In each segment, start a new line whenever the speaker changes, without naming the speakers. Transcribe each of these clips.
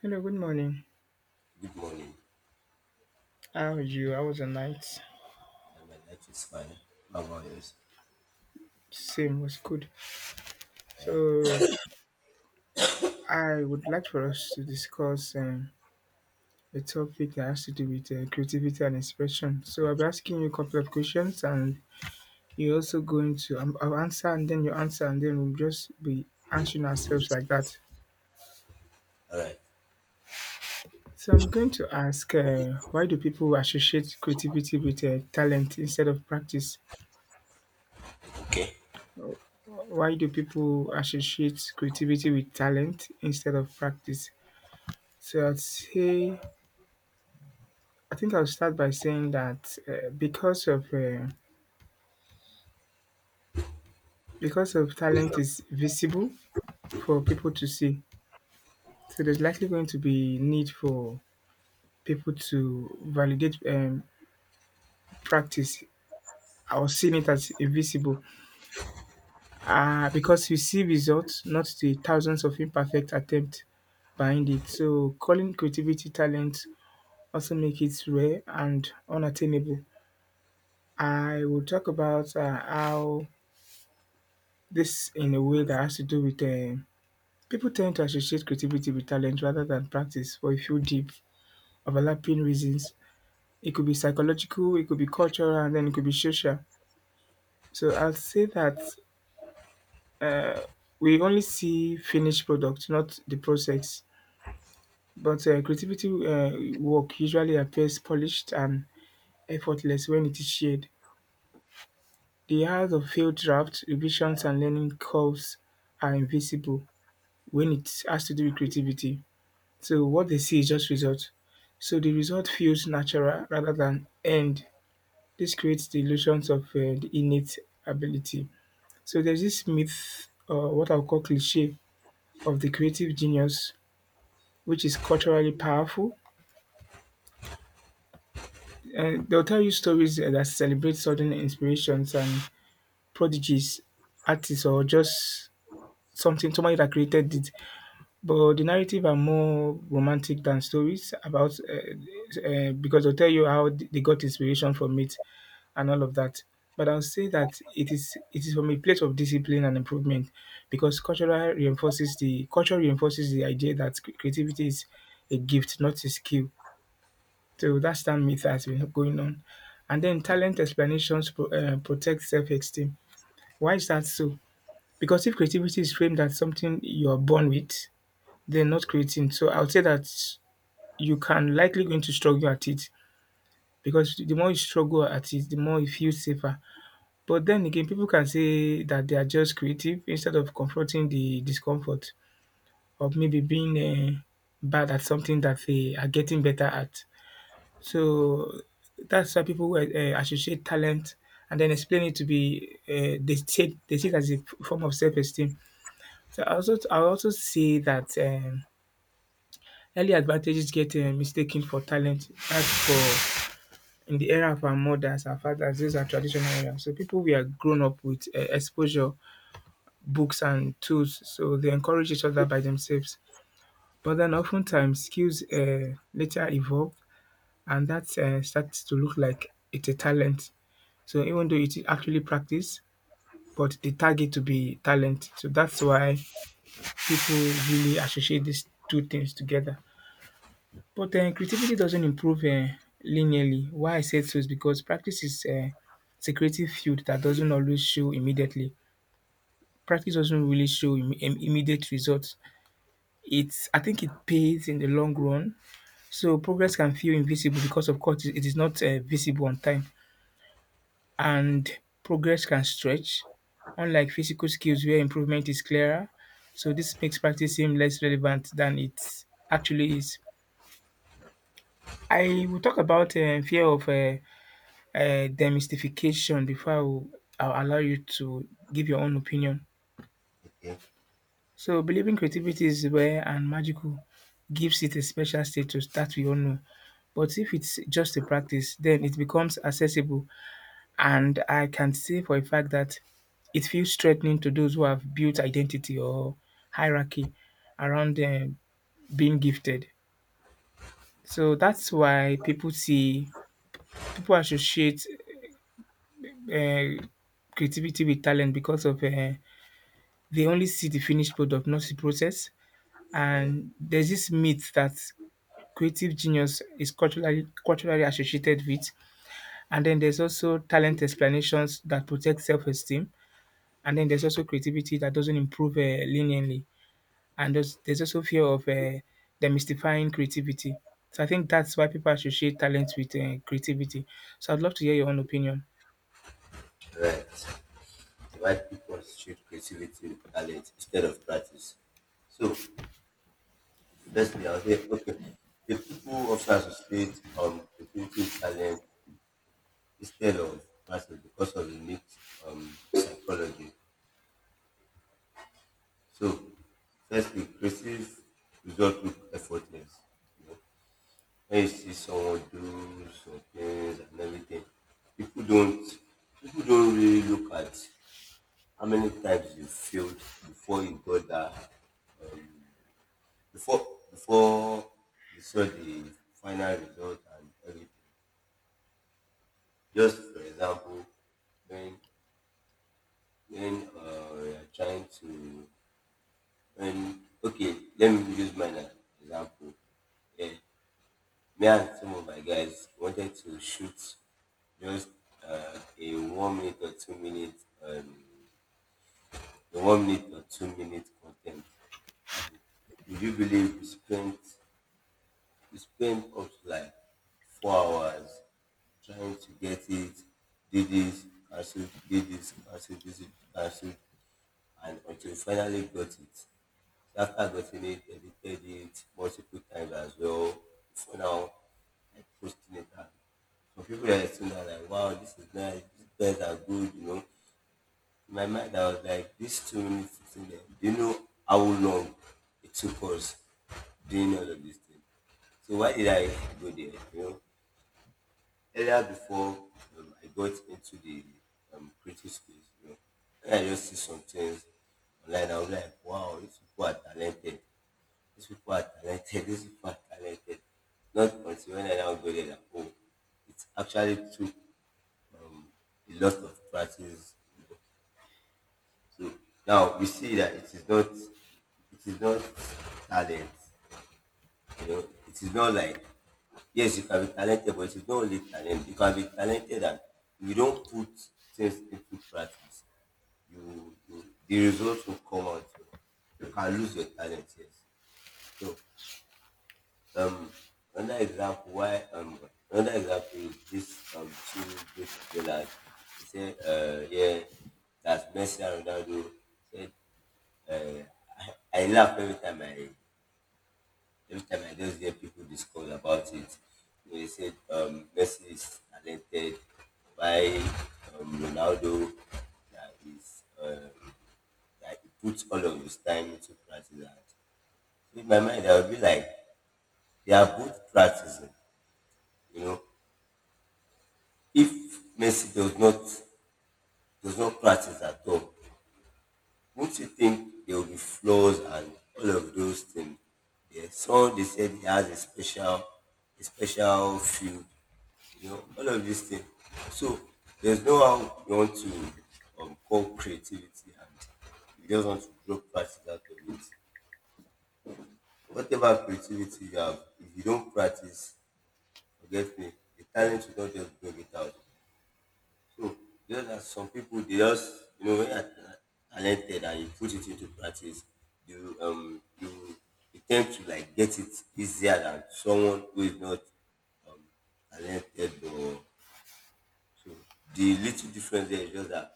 Hello, good morning.
Good morning.
How are you? How was the night?
Yeah, my life is fine. How about yours?
Same was good. So I would like for us to discuss a topic that has to do with creativity and inspiration. So I'll be asking you a couple of questions, and you're also going to I'll answer, and then you answer, and then we'll just be answering ourselves like that.
All right.
So I'm going to ask, why do people associate creativity with talent instead of practice?
Okay.
Why do people associate creativity with talent instead of practice? So I'd say I think I'll start by saying that because of talent is visible for people to see, so there's likely going to be need for people to validate practice or seeing it as invisible. Because you see results, not the thousands of imperfect attempts behind it. So calling creativity talent also make it rare and unattainable. I will talk about how this in a way that has to do with people tend to associate creativity with talent rather than practice for a few deep overlapping reasons. It could be psychological, it could be cultural, and then it could be social. So I'll say that uh, we only see finished product, not the process. But creativity work usually appears polished and effortless when it is shared. The hours of failed draft, revisions, and learning curves are invisible when it has to do with creativity. So what they see is just result. So the result feels natural rather than earned. This creates the illusions of the innate ability. So there's this myth, or what I'll call cliche, of the creative genius, which is culturally powerful. And they'll tell you stories that celebrate sudden inspirations and prodigies, artists, or just something somebody that created it. But the narrative are more romantic than stories about because they'll tell you how they got inspiration from it and all of that. But I'll say that it is from a place of discipline and improvement because cultural reinforces the culture reinforces the idea that creativity is a gift, not a skill. So that's that myth has been going on. And then talent explanations protect self-esteem. Why is that so? Because if creativity is framed as something you are born with, they're not creating. So I would say that you can likely going to struggle at it because the more you struggle at it, the more you feel safer. But then again, people can say that they are just creative instead of confronting the discomfort of maybe being bad at something that they are getting better at. So that's why people associate talent and then explain it to be they see it as a form of self-esteem. So I also say that early advantages get mistaken for talent. That's for in the era of our mothers, our fathers, these are traditional areas. So people we are grown up with exposure books and tools, so they encourage each other by themselves. But then oftentimes skills later evolve, and that starts to look like it's a talent. So even though it is actually practice, but they tag it to be talent. So that's why people really associate these two things together. But creativity doesn't improve linearly. Why I said so is because practice is it's a creative field that doesn't always show immediately. Practice doesn't really show immediate results. It's I think it pays in the long run. So progress can feel invisible because of course it is not visible on time, and progress can stretch, unlike physical skills where improvement is clearer. So this makes practice seem less relevant than it actually is. I will talk about fear of demystification before I'll allow you to give your own opinion.
Okay.
So believing creativity is rare and magical gives it a special status that we all know. But if it's just a practice, then it becomes accessible. And I can say for a fact that it feels threatening to those who have built identity or hierarchy around being gifted. So that's why people associate uh, creativity with talent because of they only see the finished product, not the process.
Yeah.
And there's this myth that creative genius is culturally associated with. And then there's also talent explanations that protect self-esteem. And then there's also creativity that doesn't improve linearly. And there's also fear of demystifying creativity. So I think that's why people associate talent with creativity. So I'd love to hear your own opinion.
All right. The white people shoot creativity with talent instead of practice. So, firstly, I'll say, okay, the people also associate creativity with talent instead of practice because of the mixed psychology. So, firstly, creative result look effortless. When you see someone do some things and everything, people don't people don't really look at how many times you failed before you got that before you saw the final result and everything. Just for example, when when we are trying to when okay, let me use mine as an example. Yeah. Me and some of my guys wanted to shoot just a 1 minute or 2 minute, um, a 1 minute or 2 minute content. And would you believe we spent up to like 4 hours trying to get it, did this, did this, cancelled, and until we finally got it. So after getting it, edited it multiple times as well. So now I posting it and for people that are saying that like, wow, this is nice, these guys are good, you know. In my mind I was like, these 2 minutes sitting there, do you know how long it took us doing all of these things? So why did I go there? You know, earlier before I got into the creative space, you know, when I just see some things online, I was like, wow, these people are talented. These people are talented, these people are talented. Not until when I now go there, like, oh, it actually took a lot of practice. So now we see that it is not talent. You know, it is not like, yes, you can be talented, but it's not only talent. You can be talented and you don't put things into practice. You, the results will come out. You can lose your talent, yes. So Um, another example why another example is this two great footballers. They say yeah that's Messi and Ronaldo. Say, I laugh every time I just hear people discuss about it. You know, they said Messi is talented. Why, Ronaldo that is that he puts all of his time into practice. And so in my mind I would be like, they are both practicing, you know. If Messi does not, there's no practice at all. Won't you think there will be flaws and all of those things? Yeah. So they said he has a special field, you know, all of these things. So there's no how you want to call creativity and you just want to draw practice out of it. Whatever creativity you have, if you don't practice, forget me, the talent will not just bring it out. So just that some people they just, you know, when you are talented and you put it into practice, you um you, you tend to like get it easier than someone who is not talented or so. The little difference there is just that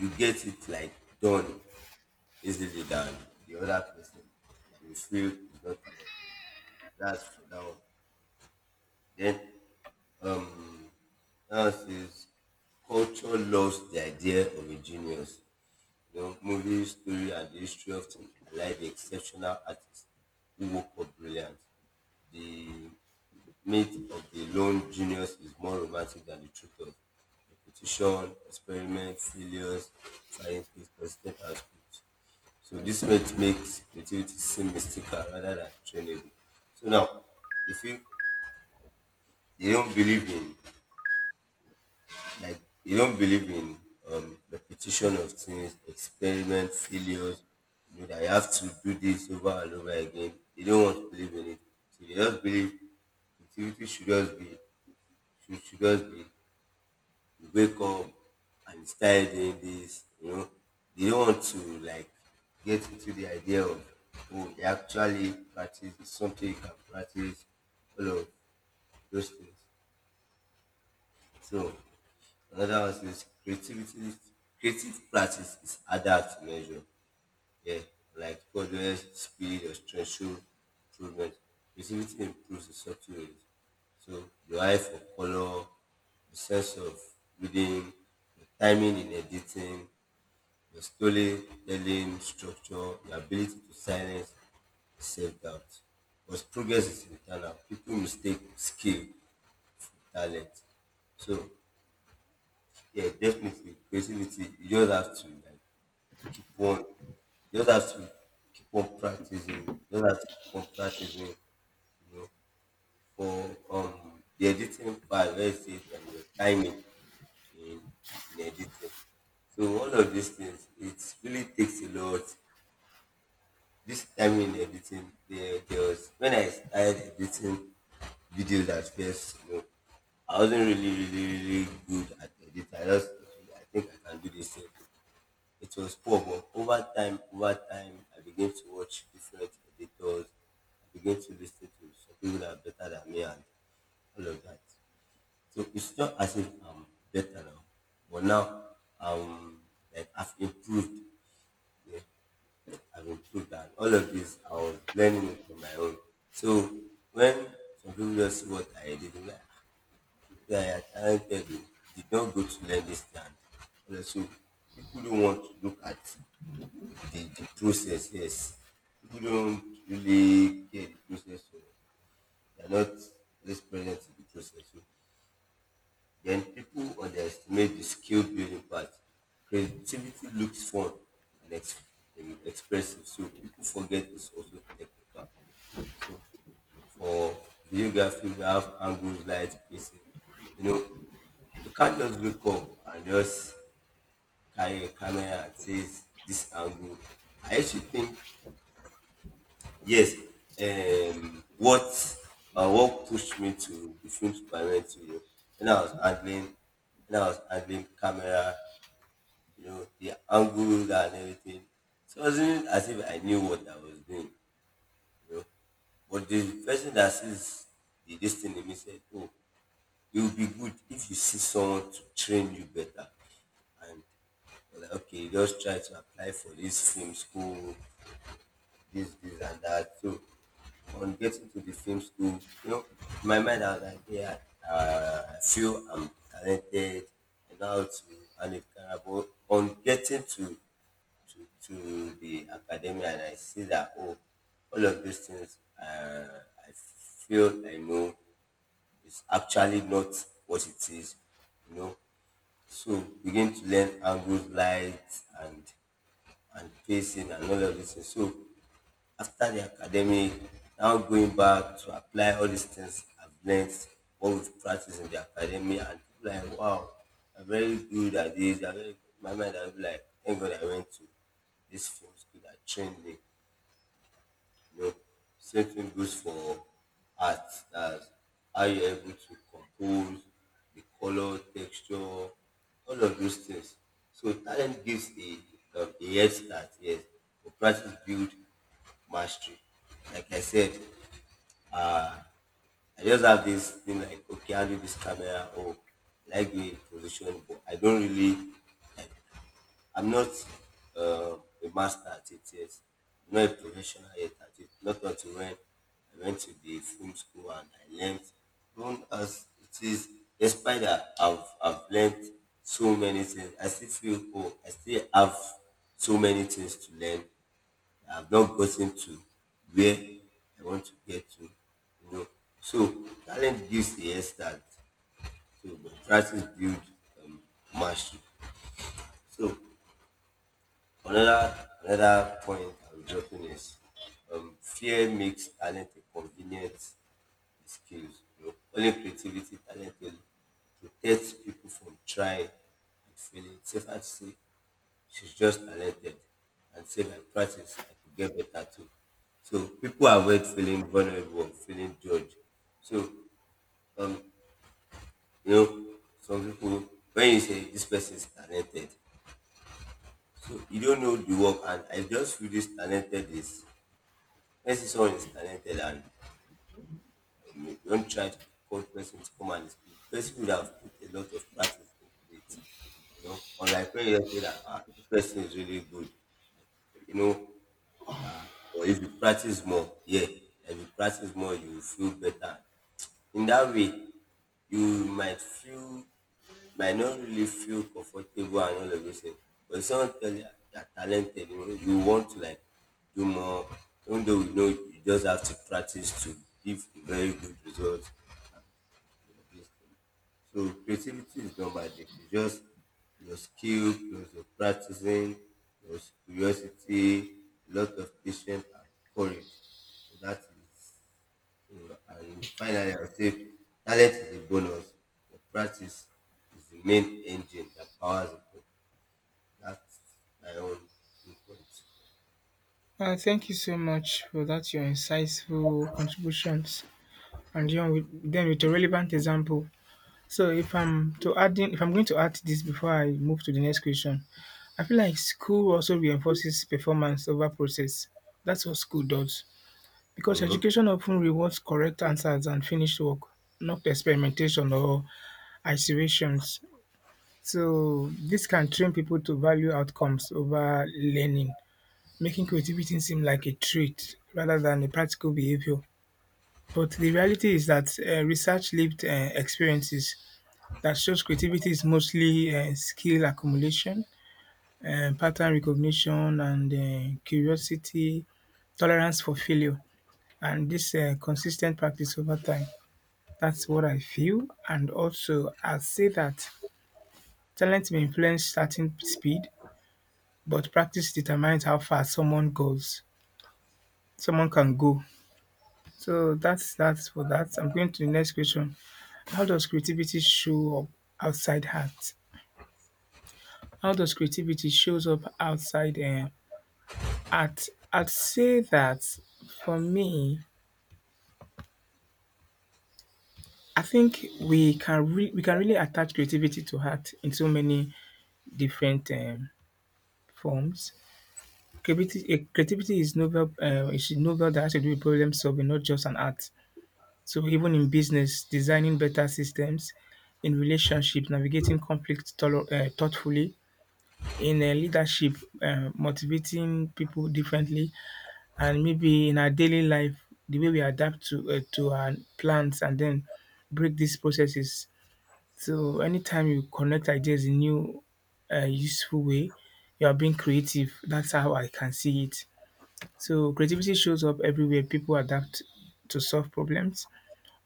you get it like done easily than the other person that you feel is not talented. That's for that one. Then um now is, culture loves the idea of a genius. The movie story and the history often highlight the exceptional artists who woke up brilliant. The myth of the lone genius is more romantic than the truth of repetition, experiment, failures, trying things, consistent output. So this myth makes creativity seem mystical rather than trainable. So now, if you, you don't believe in, like you don't believe in repetition of things, experiment, failures. You know that you have to do this over and over again. They don't want to believe in it. So they just believe creativity should just be, should just be, you wake up and you start doing this, you know. They don't want to like get into the idea of, oh, they actually practice, it's something you can practice, all of those things. So another one says, creativity creative practice is harder to measure. Yeah, like progress, speed or threshold improvement. Creativity improves in subtle ways. So your eye for color, the sense of reading, your timing in editing, your storytelling structure, your ability to silence self-doubt. Because progress is internal. People mistake skill, talent. So yeah, definitely. Creativity, you just have to like, keep on, you just have to keep on practicing. You just have to keep on practicing, you know, for the editing part, let's say, and your timing in, in editing. So all of these things, it really takes a lot. This timing in editing, there was when I started editing videos at first, you know, I wasn't really, really, really good at editing. I just, I think I can do this thing. It was poor, but over time, I began to watch different editors. I began to listen to some people that are better than me and all of that. So it's not as if I'm better now, but now um like I've improved. Yeah, I've improved and all of this I was learning it on my own. So when some people just see what I did, they're like, "Ah, yeah, I talented, oh, did not go to learn this thing." So people don't want to look at the process, yes. People don't really care the process, so they're not always present in the process. So then people underestimate the skill building part. Creativity looks fun and expressive, so people forget it's also technical. So for videography, we have angles, light, spacing. You know, you can't just wake up and just carry a camera and say this angle. I used to think, yes, um, what what pushed me to the film school I went to, you know, when I was handling, when I was handling camera, you know, the angles and everything. So it wasn't as if I knew what I was doing, you know. But the person that sees the destiny in me said, "Oh, it will be good if you see someone to train you better." And I was like, okay, just try to apply for this film school, this, and that. So on getting to the film school, you know, in my mind I was like, yeah, I feel I'm talented and how to and it can, but on getting to to the academy, and I see that, oh, all of these things I feel I know is actually not what it is, you know. So begin to learn angles, light and pacing and all of this. So after the academic, now going back to apply all these things I've learned, what we've practiced in the academy, and people are like, wow, I'm very good at this. I'm very, my mind, I'll be like, thank God I went to this film school that trained me. You know, same thing goes for art. That's how you're able to compose, the color, texture, all of those things. So talent gives a head start, yes. But practice build mastery. Like I said, I just have this thing like, okay, I'll do this camera, or I like the position, but I don't really like, I'm not uh, a master at it yet. I'm not a professional yet at it. Not until when I went to the film school and I learned. Even as it is, despite that I've learned so many things, I still feel, oh, I still have so many things to learn. I've not gotten to where I want to get to, you know. So talent gives the head start. So but practice builds um, mastery. So another point I'm dropping is, fear makes talent a convenient excuse. You know, only creativity talent will protect people from trying and failing. It's safer to say she's just talented and say by practice I could get better too. So people avoid feeling vulnerable, feeling judged. So um, you know, some people when you say this person is talented, so you don't know the work, and I just feel this talented is. Person someone is talented and you don't try to call the person to come and speak. The person would have put a lot of practice into it. You know, unlike when you say that, ah, the person is really good. You know, yeah. Or if you practice more, yeah. If you practice more, you will feel better. In that way, you might feel, might not really feel comfortable and all of those things. But if someone tell you you're talented, you know, you want to like do more, even though you know you just have to practice to give very good results this thing. So creativity is not magic. It's just your skill plus your practicing, your curiosity, a lot of patience and courage. So that is, so, and finally, I would say talent is a bonus. Your practice is the main engine that powers it. That's my own viewpoint.
Thank you so much for that, your insightful contributions. And you know, then with a relevant example, so if I'm to add in, if I'm going to add this before I move to the next question, I feel like school also reinforces performance over process. That's what school does. Because
Hmm.
education often rewards correct answers and finished work, not experimentation or isolations. So this can train people to value outcomes over learning, making creativity seem like a trait rather than a practical behavior. But the reality is that research lived experiences that shows creativity is mostly skill accumulation, pattern recognition, and curiosity, tolerance for failure, and this consistent practice over time. That's what I feel. And also, I'll say that talent may influence starting speed, but practice determines how far someone goes. Someone can go. So that's for that. I'm going to the next question. How does creativity show up outside art? How does creativity shows up outside I'd I'd say that for me, I think we can we can really attach creativity to art in so many different forms. Creativity, creativity is novel. It's a novel that has to do with problem solving, not just an art. So even in business, designing better systems, in relationships, navigating conflict thoughtfully, in leadership, motivating people differently, and maybe in our daily life, the way we adapt to our plants, and then break these processes. So anytime you connect ideas in new, useful way, you are being creative. That's how I can see it. So creativity shows up everywhere. People adapt to solve problems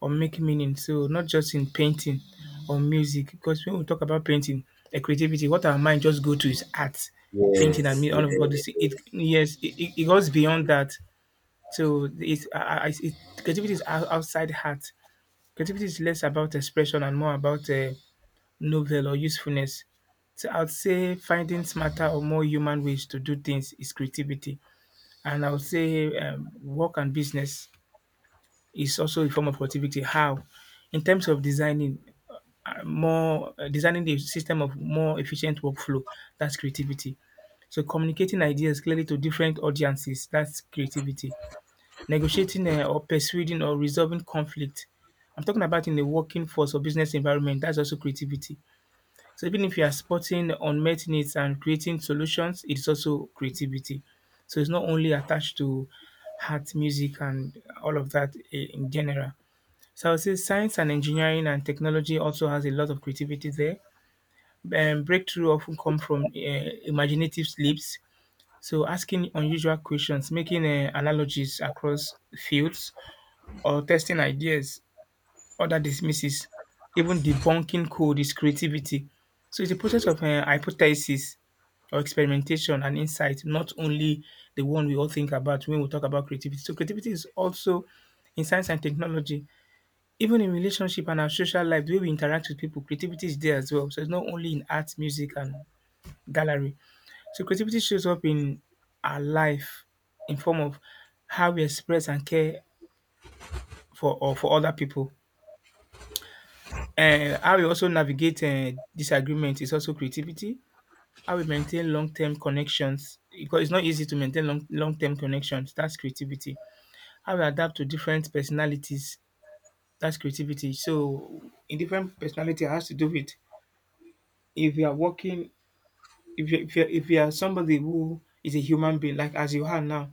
or make meaning. So not just in painting or music, because when we talk about painting, creativity, what our mind just go to is art, painting and
Yes,
me all of all
yes,
this. It
yes.
yes, it goes beyond that. So it's I, it, creativity is outside art. Creativity is less about expression and more about novel or usefulness. So I would say finding smarter or more human ways to do things is creativity. And I would say work and business is also a form of creativity. How? In terms of designing designing the system of more efficient workflow, that's creativity. So communicating ideas clearly to different audiences, that's creativity negotiating or persuading or resolving conflict. I'm talking about in the working force or business environment, that's also creativity. So even if you are spotting unmet needs and creating solutions, it's also creativity. So it's not only attached to art, music and all of that in general. So I would say science and engineering and technology also has a lot of creativity there. Breakthrough often come from imaginative leaps. So asking unusual questions, making analogies across fields, or testing ideas, other dismisses, even debunking code is creativity. So it's a process of hypothesis or experimentation and insight, not only the one we all think about when we talk about creativity. So creativity is also in science and technology, even in relationship and our social life, the way we interact with people, creativity is there as well. So it's not only in art, music, and gallery. So creativity shows up in our life in form of how we express and care for or for other people, how we also navigate disagreement is also creativity. How we maintain long-term connections, because it's not easy to maintain long-term connections. That's creativity. How we adapt to different personalities. That's creativity. So in different personality it has to do with if you are working, if you are somebody who is a human being like as you are now,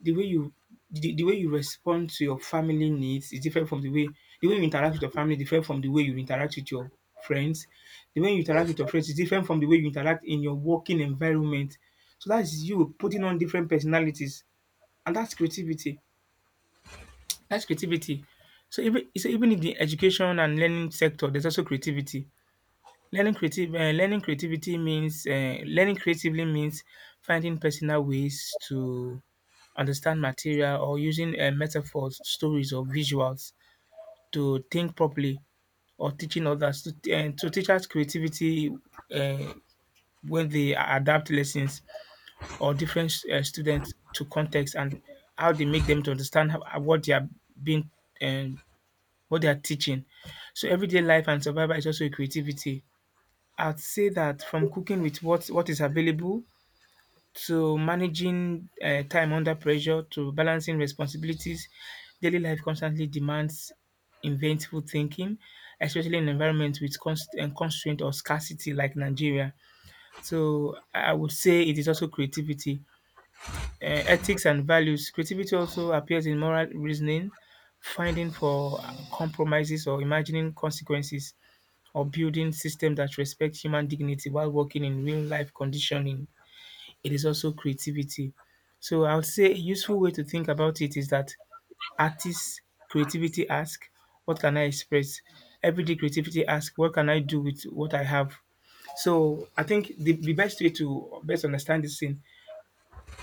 the way you the way you respond to your family needs is different from the way you interact with your family is different from the way you interact with your friends. The way you interact
Yes.
with your friends is different from the way you interact in your working environment. So that's you putting on different personalities, and that's creativity. That's creativity. So even in the education and learning sector, there's also creativity. Learning creativity means learning creatively means finding personal ways to understand material or using metaphors, stories, or visuals to think properly or teaching others to, and to teachers creativity uh, when they adapt lessons or different students to context and how they make them to understand how, what they are being and what they are teaching. So everyday life and survival is also a creativity. I'd say that from cooking with what is available to managing time under pressure to balancing responsibilities. Daily life constantly demands inventful thinking, especially in environments with const- and constraint or scarcity like Nigeria. So I would say it is also creativity, ethics and values. Creativity also appears in moral reasoning, finding for compromises or imagining consequences, or building systems that respect human dignity while working in real life conditioning it is also creativity. So I would say a useful way to think about it is that artists creativity ask, what can I express? Everyday creativity ask, what can I do with what I have? So I think the best way to best understand this thing,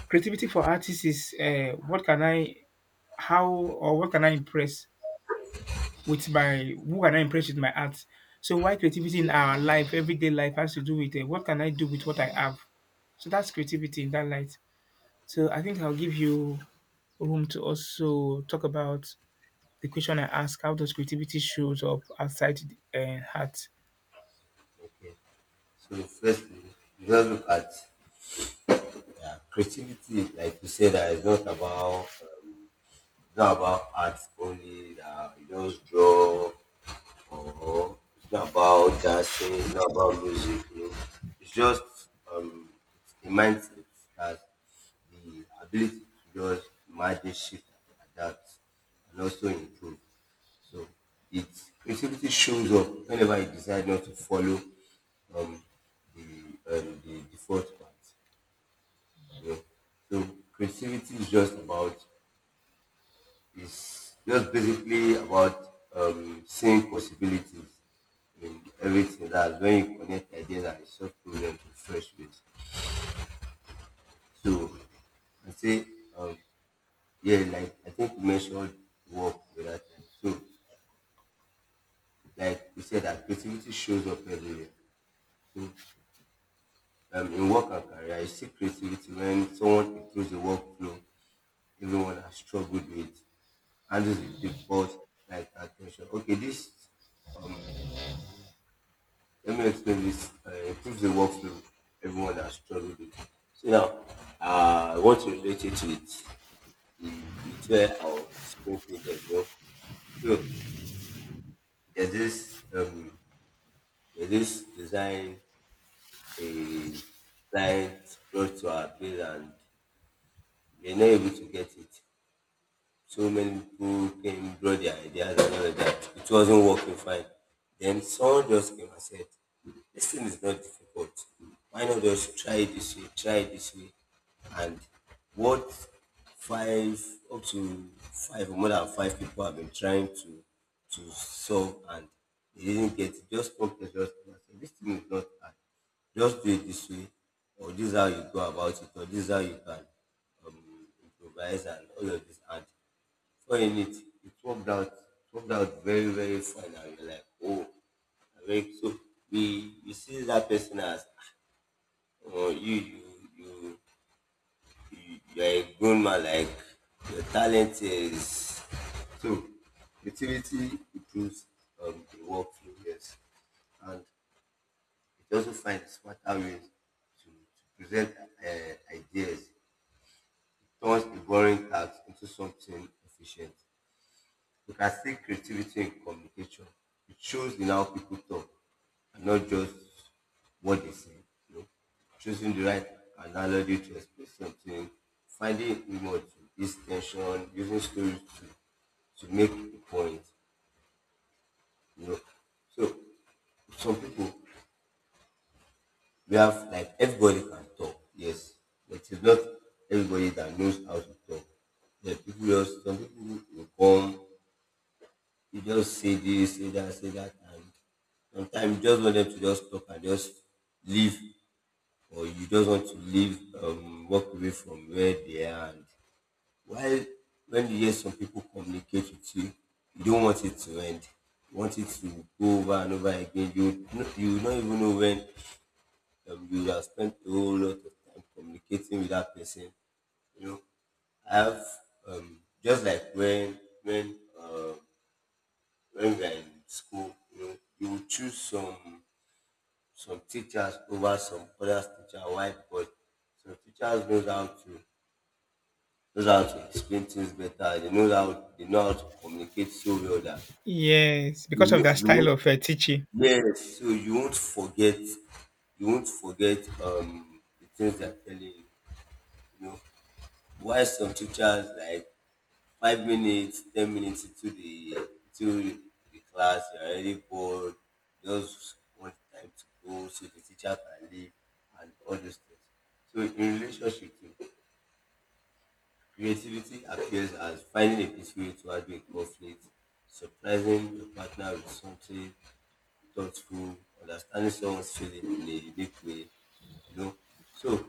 creativity for artists is how or what can I impress with my, who can I impress with my art? So why creativity in our life, everyday life has to do with what can I do with what I have? So that's creativity in that light. So I think I'll give you room to also talk about the question I asked: how does creativity shows up outside the art?
Okay. So first, we just look at— yeah, creativity, like you said, that is not about it's not about art only. That you just draw, or it's not about dancing. It's not about music. You know, it's just um, it's a mindset that— the ability to just manage, shift and adapt, and also improve. So it creativity shows up whenever you decide not to follow um, the default path. Yeah. So creativity is just about is just basically about seeing possibilities in everything. That's when you connect ideas and solve problems in fresh ways. So I say, um, yeah, like I think you mentioned work the other time. So like you said, that creativity shows up everywhere. So in work and career, you see creativity when someone improves the workflow everyone has struggled with, handles the difficult like attention. Okay, this— um let me explain this. Improves the workflow everyone has struggled with. So now, I want to relate it with the— with where I was thinking then, you know. So there's this um there's this design a client brought to our bill and we're not able to get it. So many people came, brought their ideas and all of that. It wasn't working fine. Then someone just came and said, "This thing is not difficult. Why not just try it this way, try it this way?" And what, five— up to five or more than five people have been trying to solve and they didn't get it. Just come to us and say, "This thing is not hard. Just do it this way, or this is how you go about it, or this is how you can, um, improvise," and all of this. And so in it, it worked out very, very fine. And you're like, oh, like, so we see that person as, oh, you, you, you're a grown man, like, your talent is. So, utility improves the work workflow, yes. And it also finds smarter ways to present ideas, turns the boring task into something efficient. You can see creativity in communication. It shows in how people talk and not just what they say, you know? Choosing the right analogy to express something, finding humor to ease tension, using stories to make a point, you know. So some people— we have, like, everybody can talk, yes, but it's not everybody that knows how to talk. There are people— just some people will come, you just say this, say that, and sometimes you just want them to just stop and just leave, or you just want to leave, walk away from where they are. And while— when you hear some people communicate with you, you don't want it to end. You want it to go over and over again. You no- you not even know when you have spent a whole lot of time communicating with that person. You know, I have, just like when when we are in school, you know, you will choose some teachers over some other teacher. Why? Because some teachers knows how to— knows how to explain things better. They know how— they know how to communicate so well that
Yes,
you
because of
will-
that
you
style
won't-
of teaching.
yes, so you won't forget— you won't forget the things they're telling you. You know why some teachers, like, 5 minutes, 10 minutes into the— into the class, you're already bored, just want time to go so the teacher can leave and all those things. So in relationship too, creativity appears as finding a peaceful way to handle a conflict, surprising your partner with something thoughtful, understanding someone's feeling in a unique way, you know. So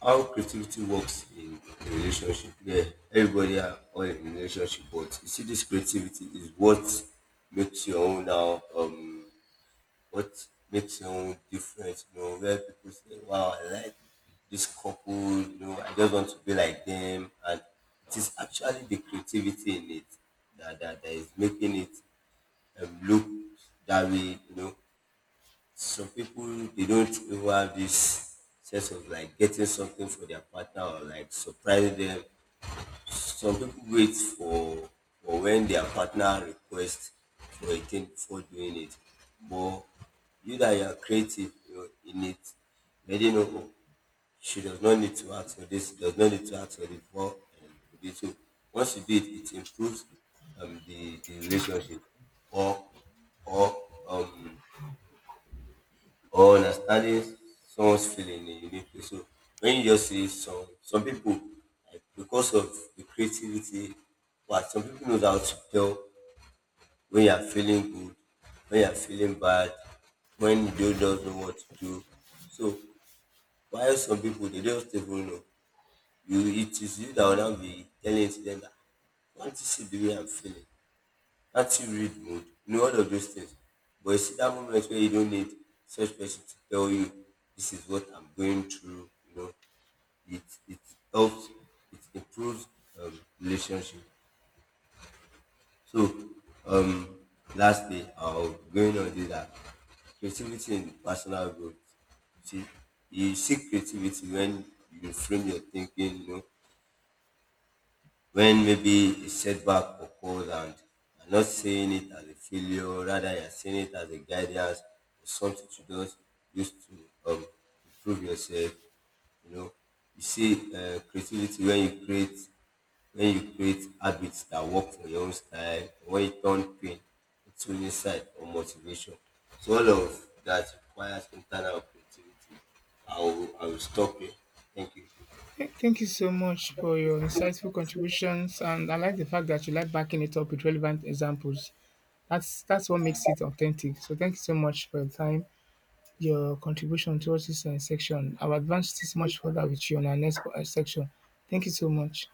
how creativity works in a relationship. Yeah, everybody are all in a relationship, but you see, this creativity is what makes your own now. What makes your own different? You know, where people say, "Wow, I like this couple." You know, I just want to be like them, and it is actually the creativity in it that is making it look that way. You know, some people, they don't even have this sense of like getting something for their partner or like surprising them. Some people wait for— for when their partner requests for a thing before doing it. But you that you are creative, you know, in it, let did know, oh, she does not need to ask for this, does not need to ask for this before— and do it. So once you do it, it improves the relationship, or or um or understanding someone's feeling in a unique way. So when you just see some people, like because of the creativity, but some people knows how to tell when you are feeling good, when you are feeling bad, when you don't know what to do. So while some people, they don't even know. You— it is you that will now be telling to them that, "I want to see the way I'm feeling active read mood," you know, all of those things. But you see that moment where you don't need such person to tell you this is what I'm going through, you know, it— it helps, it improves relationship. So um lastly I'll going on this that creativity and personal growth. See, you seek creativity when you frame your thinking, you know, when maybe a setback occurs and you're not seeing it as a failure, rather you're seeing it as a guidance or something to just use to, um, improve yourself. You know, you see creativity when you create— when you create habits that work for your own style, or when you turn pain into insight or motivation. So all of that requires internal creativity. I will stop here. Thank you.
Thank you so much for your insightful contributions, and I like the fact that you like backing it up with relevant examples. That's what makes it authentic. So thank you so much for your time, your contribution towards this section. I'll advance this much further with you on our next section. Thank you so much.